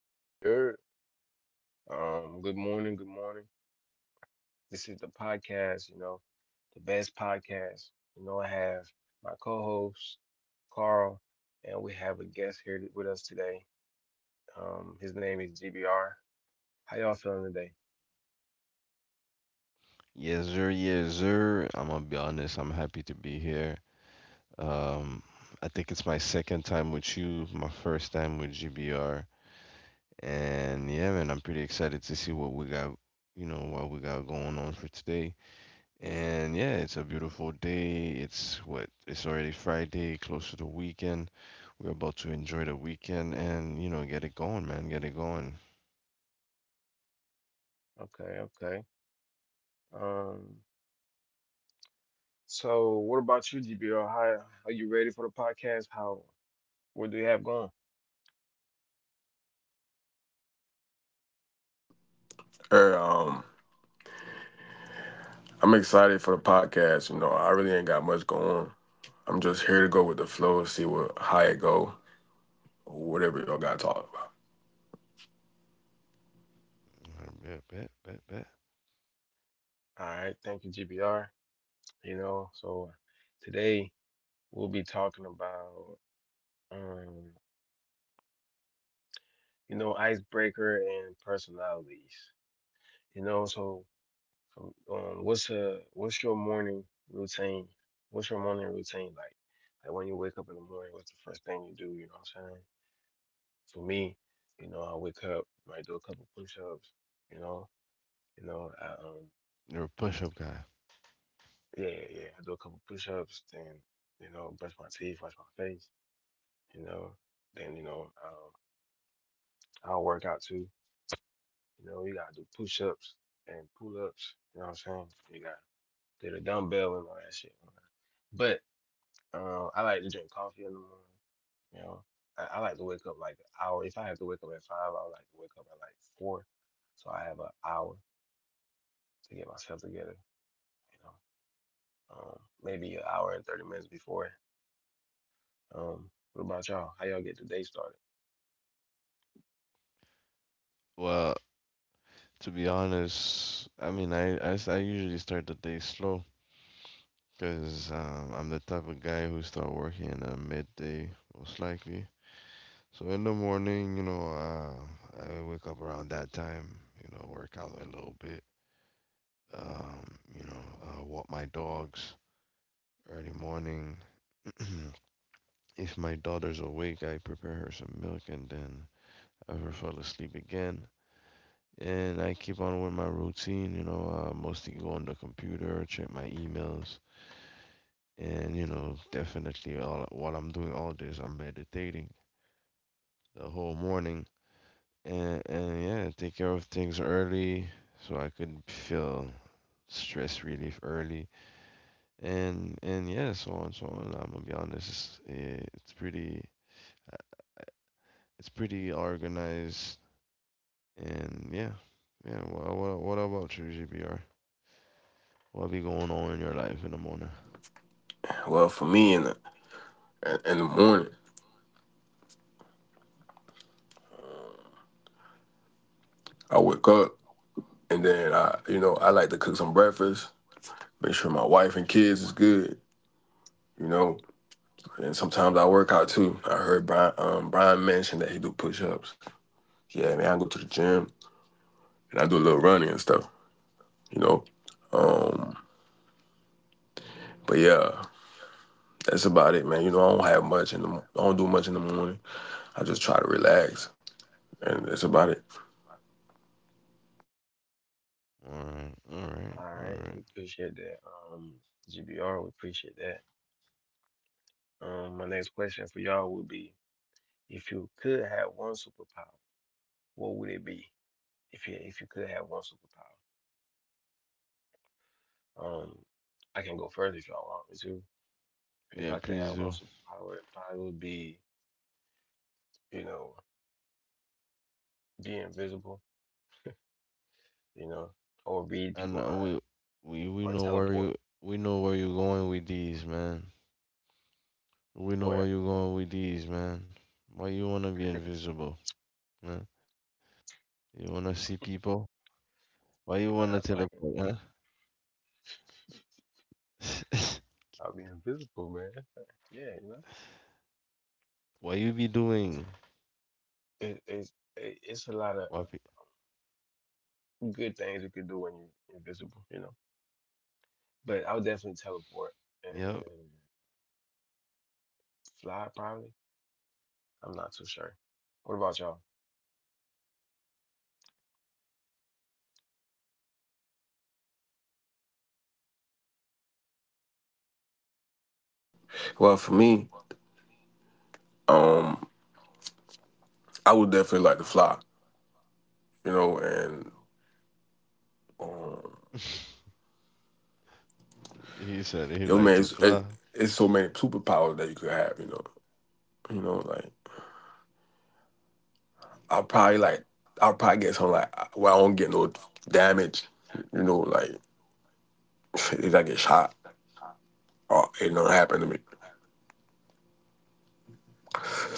Yo, yo, yo. Good morning, good morning. This is the podcast, you know, the best podcast. You know, I have my co-host, Carl, and we have a guest here with us today. His name is GBR. How y'all feeling today? Yes, sir. Yes, sir. I'm gonna be honest. I'm happy to be here. Um, I think it's my second time with you, my first time with GBR, and yeah, man, I'm pretty excited to see what we got, you know, what we got going on for today. And yeah, it's a beautiful day. It's what? It's already Friday, close to the weekend. We're about to enjoy the weekend and you know get it going, man. Get it going. Okay, okay. Um, so what about you, GBR? How are you ready for the podcast? How What do you have going? Er, um, I'm excited for the podcast. You know, I really ain't got much going on. I'm just here to go with the flow and see what how it go, or whatever y'all got to talk about. Bet, bet, bet, bet. All right, thank you, GBR. You know, so today we'll be talking about um you know, icebreaker and personalities. You know, so so, what's your morning routine? What's your morning routine like? Like when you wake up in the morning, what's the first thing you do? You know what I'm saying? For me, you know, I wake up, might do a couple push-ups. You know, you know, I, um, You're a push-up guy. yeah, yeah, yeah, I do a couple push-ups, then you know, brush my teeth, wash my face. You know, then I'll work out too. You know, you gotta do push-ups and pull-ups. You know what I'm saying? You gotta did a dumbbell and all that shit. But I like to drink coffee in the morning. You know, I like to wake up like an hour. If I have to wake up at five, I like to wake up at like four. So I have an hour to get myself together. You know, um, maybe an hour and 30 minutes before. What about y'all? How y'all get the day started? Well, to be honest, I mean, I usually start the day slow because I'm the type of guy who start working at midday, most likely. So in the morning, you know, I wake up around that time, you know, work out a little bit, um, you know, walk my dogs early morning. If my daughter's awake, I prepare her some milk and then I have her fall asleep again. And I keep on with my routine, you know, mostly go on the computer, check my emails, and you know definitely all while I'm doing all this I'm meditating the whole morning, and yeah, take care of things early so I could feel stress relief early. And yeah, so on so on, I'm gonna be honest, it's pretty it's pretty organized. And yeah, yeah. Well, what about you, GBR? What be going on in your life in the morning? Well, for me in the morning, I wake up and then I like to cook some breakfast, make sure my wife and kids is good, you know. And sometimes I work out too. I heard Brian mention that he do push ups. Yeah, man, I go to the gym and I do a little running and stuff, you know. Um, but yeah, That's about it, man. You know, I don't have much in the I don't do much in the morning. I just try to relax, and that's about it. All right, all right, All all right, right. we appreciate that. Um, GBR, we appreciate that. My next question for y'all would be: if you could have one superpower, what would it be? If you could have one superpower. Um, I can go further if y'all want me to. If Yeah, I could please have one do. superpower, it probably would be, you know, be invisible, you know, or read people And mind, we we or know where teleport. you we know where you're going with these, man. We know where Or you're going with these, man. Why you wanna be invisible, man? You wanna see people? Why you wanna nah, so I can, teleport, huh? I'll be invisible, man. Yeah, you know, it's it's a Why lot pe- of good things you could do when you're invisible, you know. But I would definitely teleport and fly, probably. I'm not too sure. What about y'all? Well, for me, I would definitely like to fly. You know, and he said he like to fly. yo, man, it's so many superpowers that you could have. You know, like I'll probably like I'll probably get something like where I don't get no damage. You know, like if I get shot, or it don't happen to me.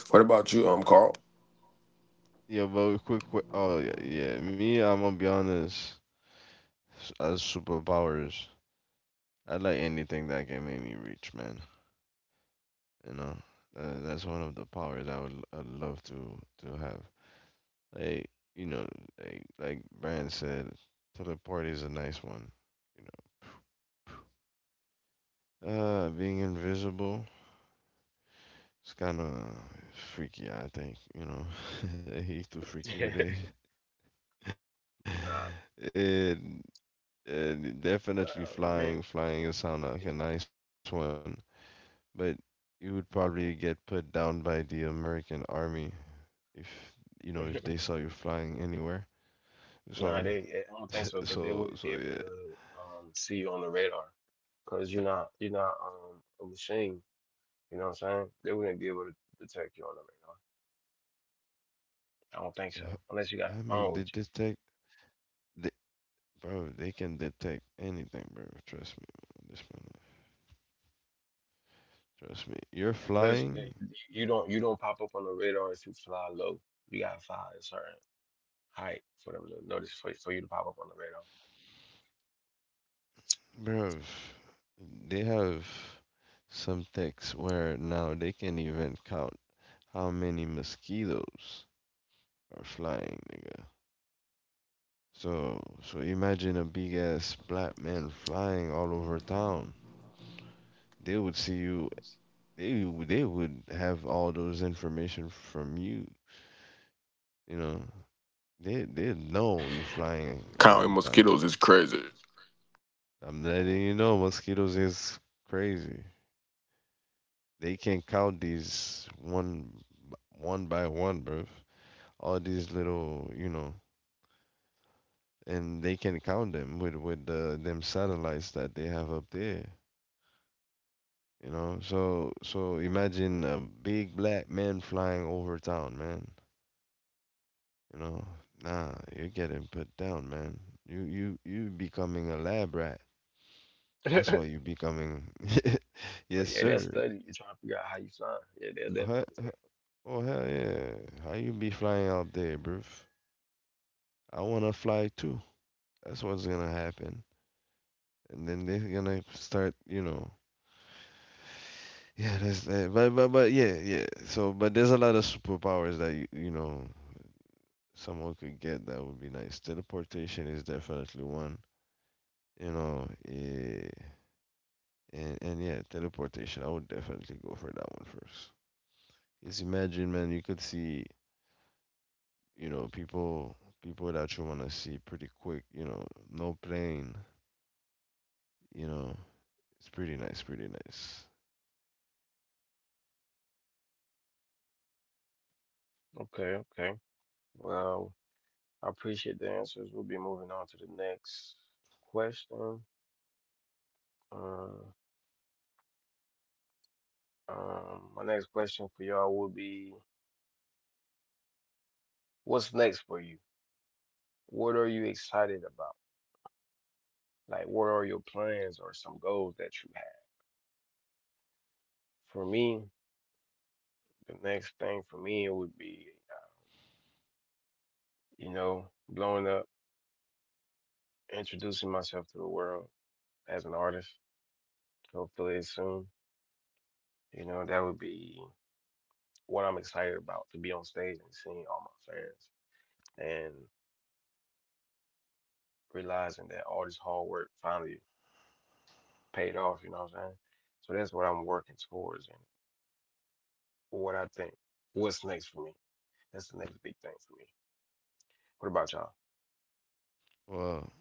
What about you, Carl? Yeah, but quick, quick. Oh yeah, yeah. Me, I'm gonna be honest. As superpowers, I like anything that can make me rich, man. You know, that's one of the powers I'd love to have. Like you know, like Brian said, teleport is a nice one. You know, being invisible it's kind of freaky. I think you know he's too freaky with it. Nah, and, and definitely nah, man. flying, flying it sound like a nice one, but you would probably get put down by the American army if you know if they saw you flying anywhere. So Nah, they. I don't think so so because they so wouldn't be yeah. able to see you on the radar because you're not a machine. You know what I'm saying? They wouldn't be able to detect you on the radar. I don't think so Yeah, I unless you got a mean, they phone with you. detect the bro, they can detect anything, bro. Trust me. Trust me. Trust me. You're And plus, flying, they, you don't pop up on the radar if you fly low. You gotta fly a certain height for them to notice for you to pop up on the bro. They have some techs where now they can even count how many mosquitoes are flying, nigga. So, so imagine a big ass black man flying all over town. They would see you. They they would have all those information from you. You know, they know you're flying Counting around town. mosquitoes is crazy. I'm letting you know, mosquitoes is crazy. They can count these one by one, bro. All these little, you know, and they can count them with the them satellites that they have up there. You know, so so imagine a big black man flying over town, man. You know, nah, you're getting put down, man. You becoming a lab rat. That's radar. why you becoming. But Yes, yeah, that sir. study, you're trying to figure out how you fly. Yeah, they'll Huh? definitely do Huh? Oh hell yeah! How you be flying out there, bruv? I wanna fly too. That's what's gonna happen. And then they're gonna start, you know. Yeah, that's that. But yeah yeah. So but there's a lot of superpowers that you know someone could get that would be nice. Teleportation is definitely one. You know, and yeah, teleportation. I would definitely go for that one first. Just imagine, man, you could see, you know, people that you wanna see pretty quick. You know, no plane you know, it's pretty nice, pretty nice. that. Okay, okay. Well, I appreciate the answers. We'll be moving on to the next question. Um, my next question for y'all will be, what's next for you? What are you excited about? Like, what are your plans or some goals that you have? For me, the next thing for me it would be, you know, blowing up, introducing myself to the world as an artist. Hopefully soon. You know, that would be what I'm excited about, to be on stage and seeing all my fans and realizing that all this hard work finally paid off, you know what I'm saying? So that's what I'm working towards and what I think. What's next for me? That's the next big thing for me. What about y'all? Well,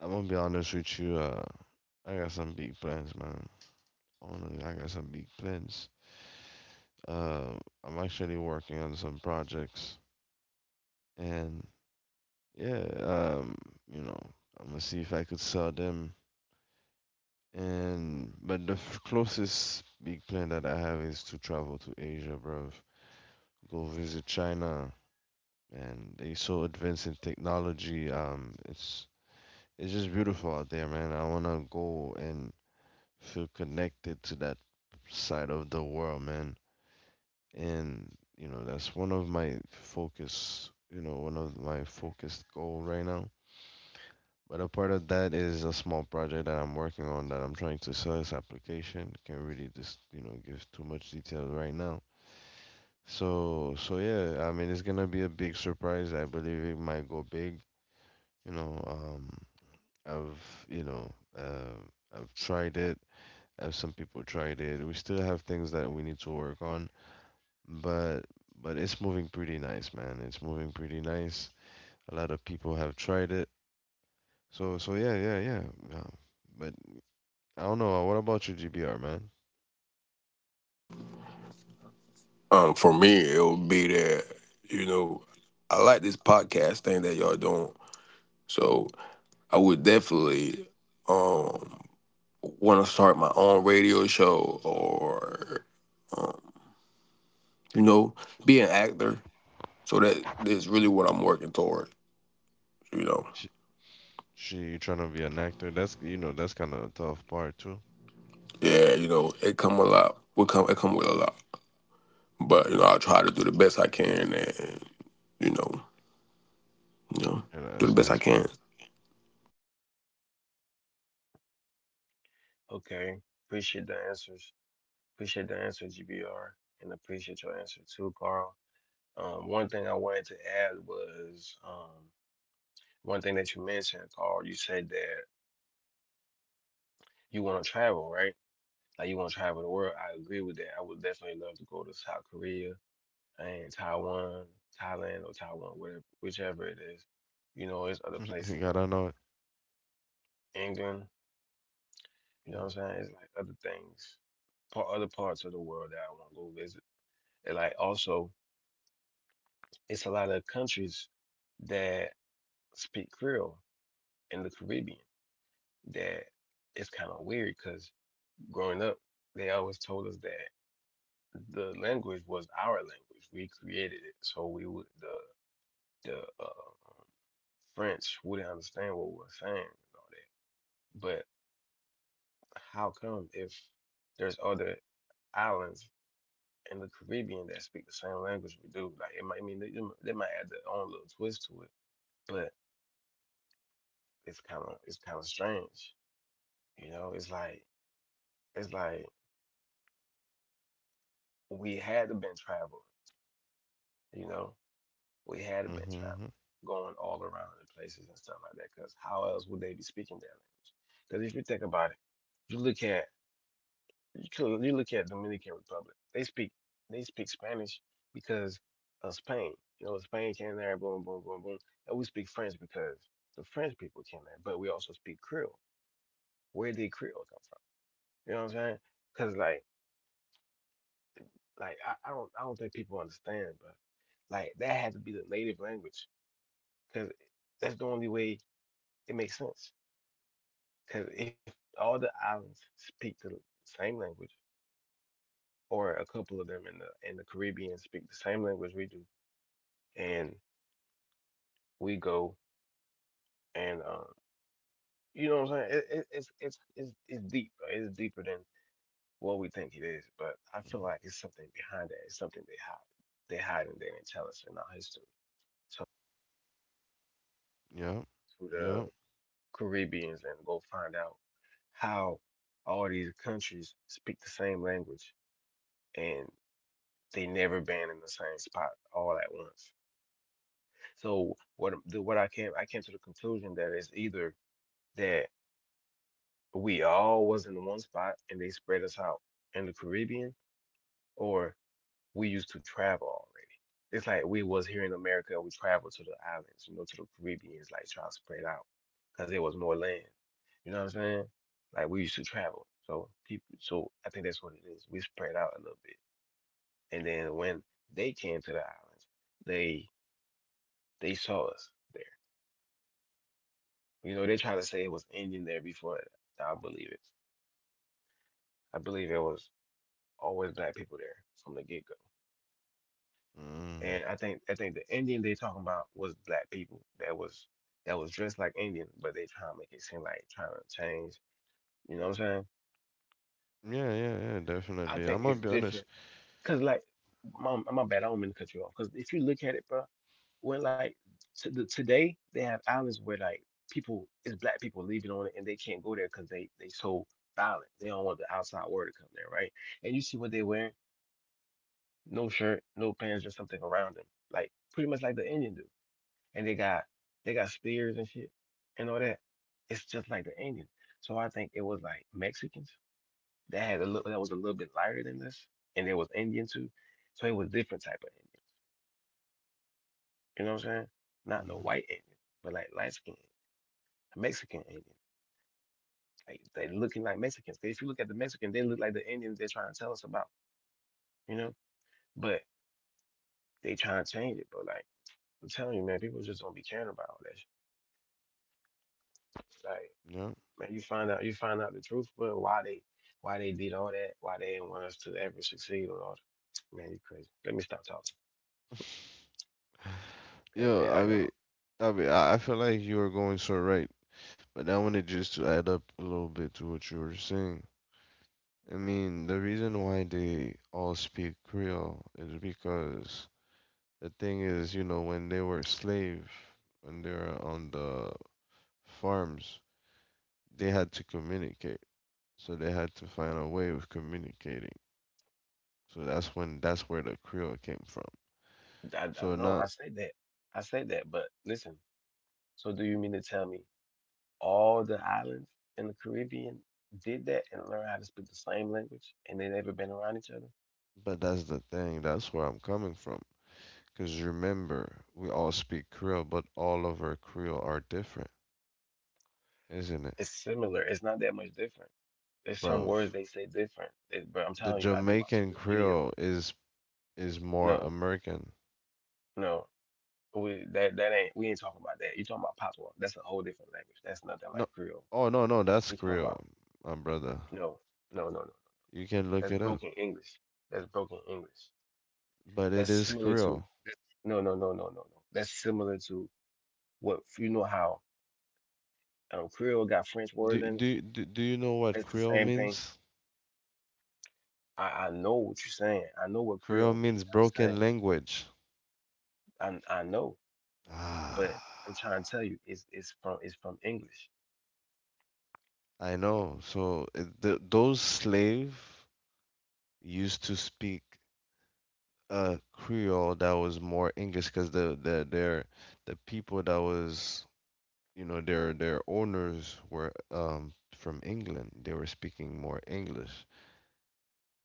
I'm gonna be honest with you. I got some big plans, man. Honestly, I got some big plans. Uh, I'm actually working on some projects, and yeah, you know, I'm gonna see if I could sell them. And but the closest big plan that I have is to travel to Asia, bruv. Go visit China, and they so advanced in technology. It's just beautiful out there, man. I want to go and feel connected to that side of the world, man. And, you know, that's one of my focus, you know, one of my focused goal right now. But a part of that is a small project that I'm working on that I'm trying to sell this application. Can't really just, you know, give too much detail right now. So, so yeah, I mean, it's gonna be a big surprise. I believe it might go big. You know, I've, you know, uh, I've tried it as some people tried it. We still have things that we need to work on, but but it's moving pretty nice, man. It's moving pretty nice. A lot of people have tried it. So so yeah, yeah, yeah. Yeah. But I don't know. What about your GBR, man? For me, it would be that you know I like this podcast thing that y'all doing, so I would definitely um want to start my own radio show or you know be an actor. So that is really what I'm working toward. You know, She, she you trying to be an actor? That's you know that's kind of a tough part too. yeah, you know it come a lot. Will come it come with a lot, but you know I try to do the best I can and you know you know Yeah, do the that's best I nice, can. man. Okay. Appreciate the answers. Appreciate the answer, GBR, and appreciate your answer too, Carl. One thing I wanted to add was one thing that you mentioned, Carl. You said that you want to travel, right? Like you want to travel the world. I agree with that. I would definitely love to go to South Korea, in Taiwan, Thailand or Taiwan, whatever, whichever it is. You know, it's other places You like gotta know it. England. You know what I'm saying? It's like other parts of the world that I want to go visit. And like also, it's a lot of countries that speak Creole in the Caribbean. That it's kind of weird because growing up, they always told us that the language was our language. We created it, so we would the French wouldn't understand what we were saying and all that. But how come if there's other islands in the Caribbean that speak the same language we do? Like it might I mean, they might add their own little twist to it, but it's kind of strange. You know, it's like we had to been traveling. You know, we had to been traveling, Mm-hmm. going all around the places and stuff like that. Because how else would they be speaking their language? Because if you think about it, you look at you look at Dominican Republic. They speak Spanish because of Spain. You know, Spain came there, boom, boom, boom, boom. And we speak French because the French people came there, but we also speak Creole. Where did Creole come from? You know what I'm saying? Because like like I don't I don't think people understand, but like that had to be the native language because that's the only way it makes sense. Because if all the islands speak the same language, or a couple of them in the Caribbean speak the same language we do, and we go and you know what I'm saying? It's deep, right? It's deeper than what we think it is. But I feel like it's something behind it. It's something they hide. They hide and they didn't tell us in our history. Yep. To the Yep. Caribbeans and go find out how all these countries speak the same language and they never been in the same spot all at once. So what I came to the conclusion that it's either that we all was in one spot and they spread us out in the Caribbean, or we used to travel already. It's like we was here in America and we traveled to the islands, you know, to the Caribbeans, like trying to spread out because there was more land. You know what I'm saying? Like we used to travel, so people. So I think that's what it is. We spread out a little bit, and then when they came to the islands, they they saw us there. You know, they try to say it was Indian there before. I believe it. I believe it was always black people there from the get go, Mm. and I think the Indian they talking about was black people that was dressed like Indian, but they trying to make it seem like trying to change. You know what I'm saying? Yeah, yeah, yeah. I Definitely. think I'm gonna it's be honest. different because like my bad, I don't mean to cut you off. Because if you look at it, bro, when like to the, today they have islands where like people it's black people leaving on it and they can't go there because they so violent. They don't want the outside world to come there, right? And you see what they wearing? No shirt, no pants, just something around them, like pretty much like the Indian do, and they got spears and shit and all that. It's just like the Indians. So I think it was like Mexicans that was a little bit lighter than this, and there was Indian too. So it was different type of Indian. You know what I'm saying? Not no white Indian, but like light skinned Mexican Indian. Like they looking like Mexicans. 'Cause if you look at the Mexican, they look like the Indians they're trying to tell us about. You know, but they trying to change it. But like I'm telling you, man, people just don't be caring about all that shit. Like Mm-hmm. Yep. man, you find out the truth, but why they did all that, why they didn't want us to ever succeed or all that. Man, you crazy. Let me stop talking. Cause Yeah, yeah, I I mean, don't I mean, I feel like you are going so right, but I wanted just to add up a little bit to what you were saying. I mean, the reason why they all speak Creole is because the thing is, you know, when they were slave, when they were on the farms, they had to communicate, so they had to find a way of communicating. So that's when that's where the Creole came from. I, I don't So know. I not, said that. I said that, but listen, so do you mean to tell me all the islands in the Caribbean did that and learned how to speak the same language and they never been around each other? but that's the thing. That's where I'm coming from. Because remember, we all speak Creole, but all of our Creole are different, isn't it? It's similar. It's not that much different. There's some Bro, words they say different. But I'm the telling you, I be watching Jamaican the videos. Creole is more No, American. no. But we ain't talking about that. You talking about patois. That's a whole different language. That's nothing No, like Creole. oh no no, that's I'm talking Creole, about my brother. no, no, no, no. You can look That's it up, broken English. That's broken English. but it That's is similar to— Creole. no, no, no, no, no, no. That's similar to— what you know how Creole got French Do words in it? do do, do you know what It's the Creole same thing. means? I know what you're saying. I know what Creole Creole means. means You know broken what language. I'm saying, I know, but Ah, I'm trying to tell you it's from English. I know. So it, th those slave used to speak a Creole that was more English because the people that was you know their owners were from England. They were speaking more English.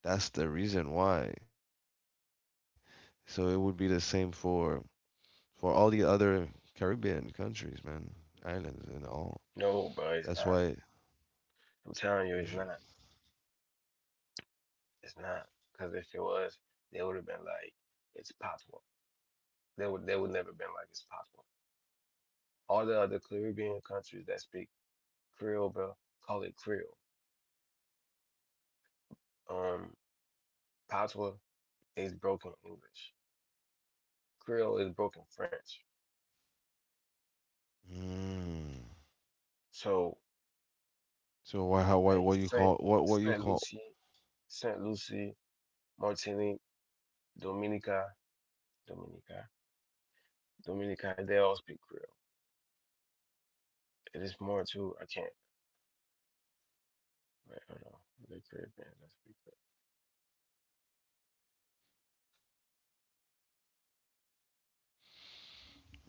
That's the reason why. So it would be the same for all the other Caribbean countries, man, islands and all. No, bro, it's That's not. why I'm telling you, you it's should. not. It's not. Because if it was, they would have been like, it's Patois. They would never been like it's Patois. All the other Caribbean countries that speak Creole, bro, call it Creole. Um, Patois is broken English. Creole is broken French. Mm. So, So why how why like what you Saint call what you Saint call? Lucie, Saint Lucie, Martinique, Dominica, Dominica, Dominica. They all speak Creole. And it's more too. I can't. Wait, hold on. The Caribbean that speak Creole.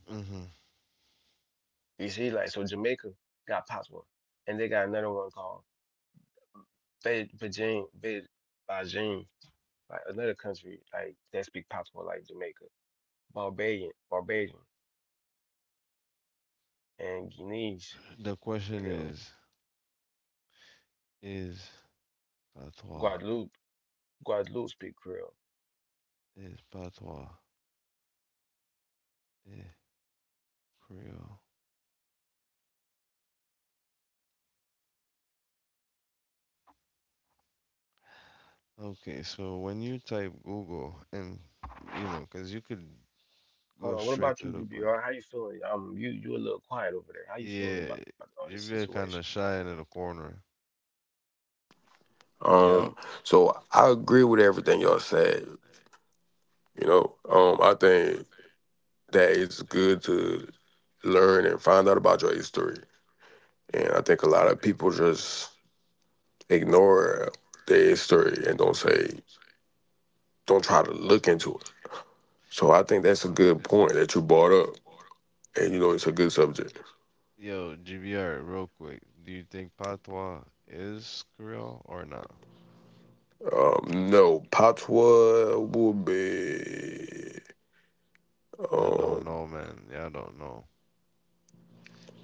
Hmm. You see, like, so Jamaica got popped one, and they got another one called Beijing, Beijing, like another country like that speak patois like Jamaica, Barbadian, and Guineas The question Creole, is patois. Guadeloupe, Guadeloupe speak Creole. Is patois. Eh, Creole. Okay, so when you type Google and you know, because you could Hold go on, what straight about you, to the point. DBR? How you feeling? You you a little quiet over there. How you feeling Yeah, about all this GBR situation? kind of shy in the corner. Um, Yo, so I agree with everything y'all said. I think that it's good to learn and find out about your history. And I think a lot of people just ignore their history and don't try to look into it. So I think that's a good point that you brought up. And you know, it's a good subject. yo, GBR, real quick. Do you think patois is Creole or not? No, patois would be, Y'all don't um, know, man. Y'all don't know.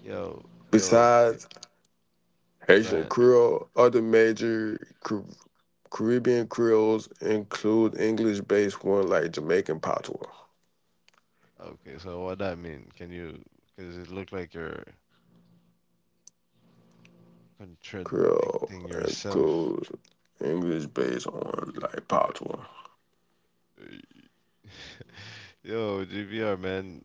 Yo, yo, y- besides Haitian Brent. Creole, other major Caribbean Creoles include English based one like Jamaican patois. Okay, so what that mean? Can you? Because it look like you're Creole contradicting and yourself. cool English based on like patois. Yo, GBR man,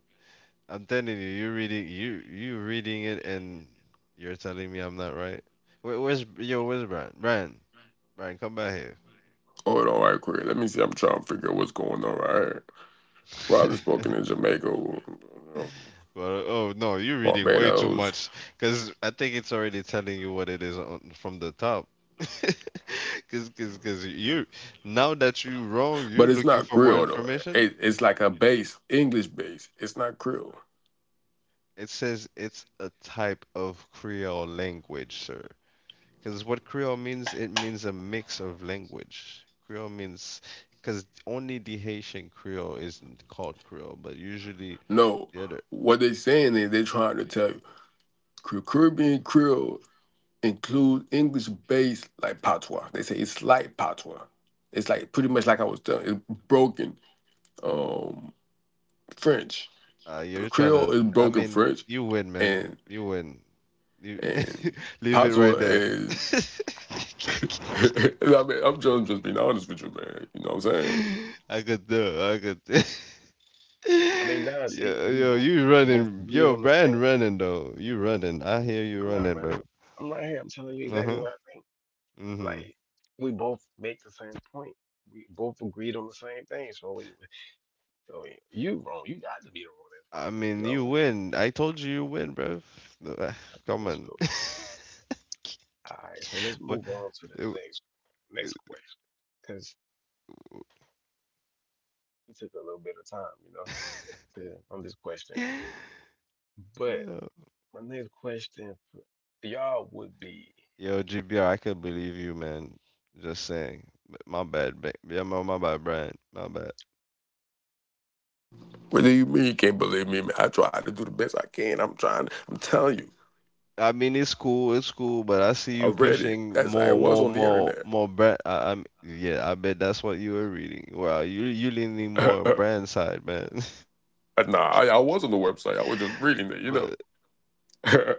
I'm telling you, you reading it and you're telling me I'm not right. Where, where's yo? Where's Brian? Brian, come back here. Hold on, right quick. Let me see. I'm trying to figure out what's going on right here. Probably spoken in Jamaica, But oh no, you're reading way too Barbados, much because I think it's already telling you what it is on, from the top. Because you now that you're wrong, you're but it's looking not for more Creole though. information. It's like a base English base. It's not Creole. It says it's a type of Creole language, sir. Because what Creole means, it means a mix of language. Creole means, because only the Haitian Creole isn't called Creole, but usually No, the other, what they're saying is they're trying to tell you Caribbean Creole includes English based like patois. They say it's like patois. It's like pretty much like I was telling. It's broken um, French. uh, you're trying Creole to, is I broken mean, French, you win, man. and You win. You and leave it Patois right there. is. I mean, I'm just being honest with you, man. You know what I'm saying? I could do, I could do. I mean, nah, see, Yo, yo, you we both running, agreed yo, on the same. Brand running though. You running. I hear you I'm not running, running. bro. I'm right here. I'm telling you exactly Uh-huh. what I think. Mm-hmm. Like, we both make the same point. We both agreed on the same thing. So, we, I— you wrong. You got to be the one that's I wrong. You mean, know what you I'm saying? win. I told you you win, bro. Uh, Okay, Come that's on. cool. All right, so let's What? move on to the It- next it- question because it took a little bit of time, you know, to, on this question right here. But Yo, my next question for y'all would be— yo, GBR, I could believe you, man. Just saying. But my bad, yeah, my bad, Brian. My bad. What do you mean you can't believe me? Man, I try to do the best I can. I'm trying. I'm telling you. I mean, it's cool, but I see I you read it. pushing That's I was on the internet. more brand. Yeah, I bet that's what you were reading. Wow, you leaning more brand side, man. nah, I was on the website. I was just But reading it. You know.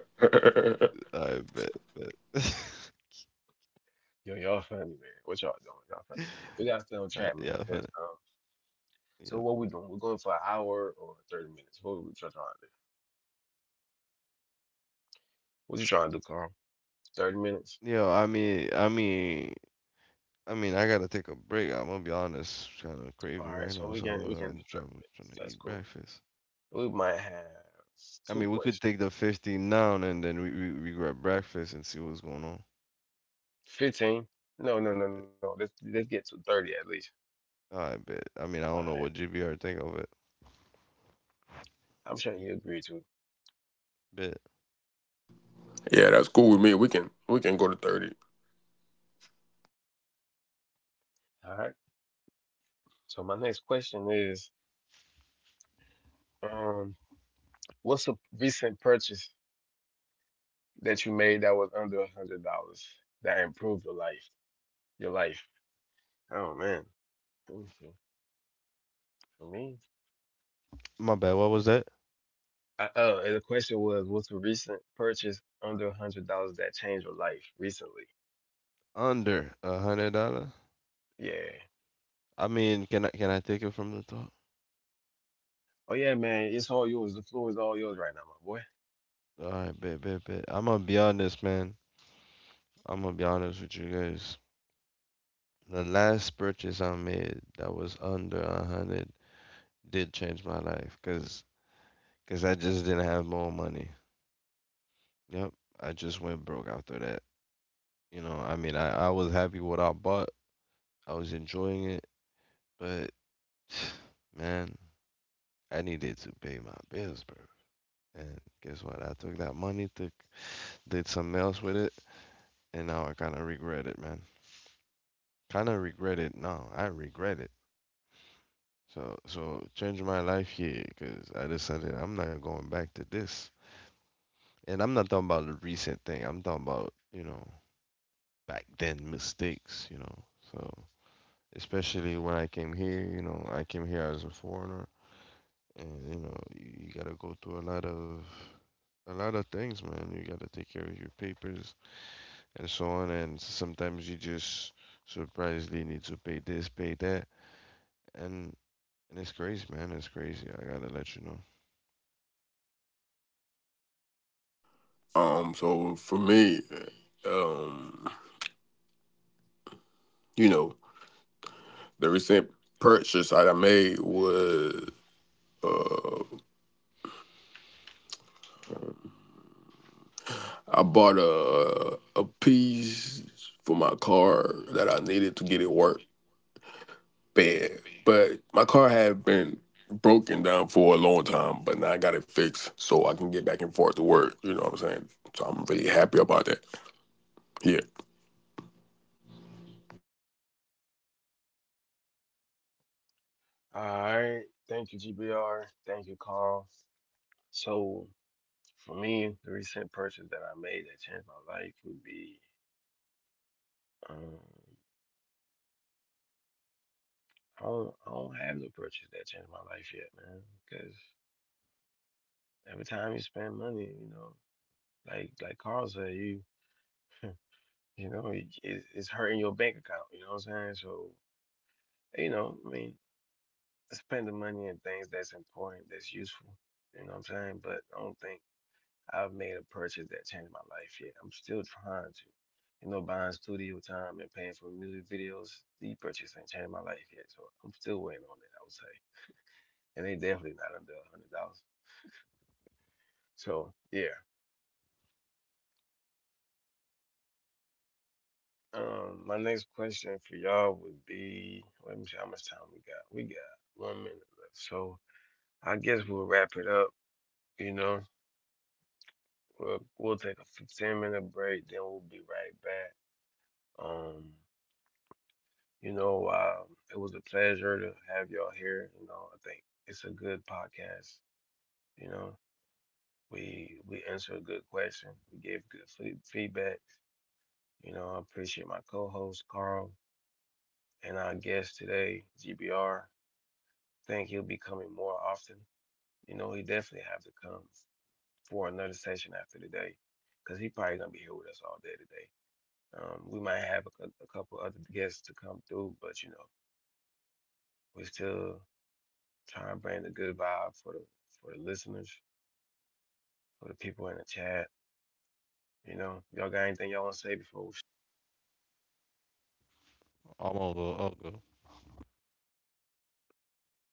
I bet, but yo, y'all funny, man. What y'all doing? Y'all funny. We gotta stay on yeah, track, yeah, man. funny. Cause Yeah. so what we doing? We're going for an hour or 30 minutes. What we trying to do? What you trying to do, Carl? 30 minutes. Yo, I mean, I gotta take a break. I'm gonna be honest, kind of craving All right, right so now, we so I'm can we can gonna do try thirty trying minutes. to That's eat cool. breakfast. We might have I mean, two we could questions. take the 15 now and then we grab breakfast and see what's going on. 15? No, no, no, no. Let's get to 30 at least. I bet. I All mean, I right. don't know what GBR think of it. I'm sure you agree to. Bet. yeah, that's cool with me. We can go to 30. All right. So my next question is, um, what's a recent purchase that you made that was under $100 that improved your life? Your life. Oh, man. Let me see. For me, My bad. What was that? I, and the question was, what's a recent purchase under $100 that changed your life recently? Under $100. Yeah. I mean, can I take it from the top? Oh yeah, man, it's all yours. The floor is all yours right now, my boy. All right, bet, bet, bet. I'm gonna be honest, man. I'm gonna be honest with you guys. The last purchase I made that was under a hundred did change my life because cause I just didn't have more money. Yep. I just went broke after that. You know, I mean, I was happy with what I bought, I was enjoying it, but man, I needed to pay my bills, bro. And guess what? I took that money, to, did something else with it, and now I kind of regret it, man. Kind of regret it now. I regret it. So, so changing my life here because I decided I'm not going back to this. And I'm not talking about the recent thing. I'm talking about, you know, back then mistakes, you know. So especially when I came here, you know, I came here as a foreigner, and you know, you gotta go through a lot of things, man. You gotta take care of your papers and so on, and sometimes you just surprisingly need to pay this, pay that, and and it's crazy, man. It's crazy. I gotta let you know. So for me, um, you know, the recent purchase that I made was I bought a piece for my car that I needed to get it work bad, but my car had been broken down for a long time. But now I got it fixed, so I can get back and forth to work. You know what I'm saying? So I'm really happy about that. Yeah. All right, thank you, GBR. Thank you, Carl. So for me, the recent purchase that I made that changed my life would be, um, I don't have no purchase that changed my life yet, man. Because every time you spend money, you know, like Carl said, you— you know, it's hurting your bank account. You know what I'm saying? So, you know, I mean, spend the money on things that's important, that's useful. You know what I'm saying? But I don't think I've made a purchase that changed my life yet. I'm still trying to. You know, buying studio time and paying for music videos, the purchase ain't changed my life yet. So I'm still waiting on it, I would say. And they definitely not under $100. So yeah. My next question for y'all would be— let me see how much time we got. We got 1 minute left. So I guess we'll wrap it up, you know. We'll take a 15-minute break, then we'll be right back. Um You know, it was a pleasure to have y'all here. You know, I think it's a good podcast. You know, we answered a good question. We gave good feedback. You know, I appreciate my co-host Carl and our guest today, GBR. Think he'll be coming more often. You know, he definitely have to come for another session after today, cause he probably gonna be here with us all day today. We might have a, a couple other guests to come through, but you know, we still trying to bring the good vibe for the listeners, for the people in the chat. You know, y'all got anything y'all want to say before we— I'm all go. I'll go.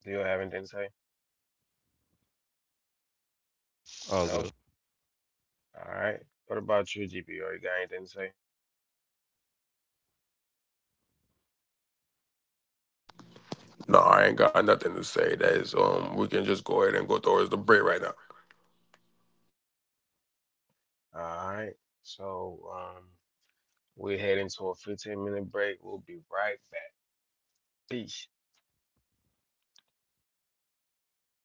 Do you have anything to say? I'll go. No. All right. What about you, GP? You got anything to say? No, I ain't got nothing to say. We can just go ahead and go towards the break right now. All right. So, we're heading to a 15-minute break. We'll be right back. Peace.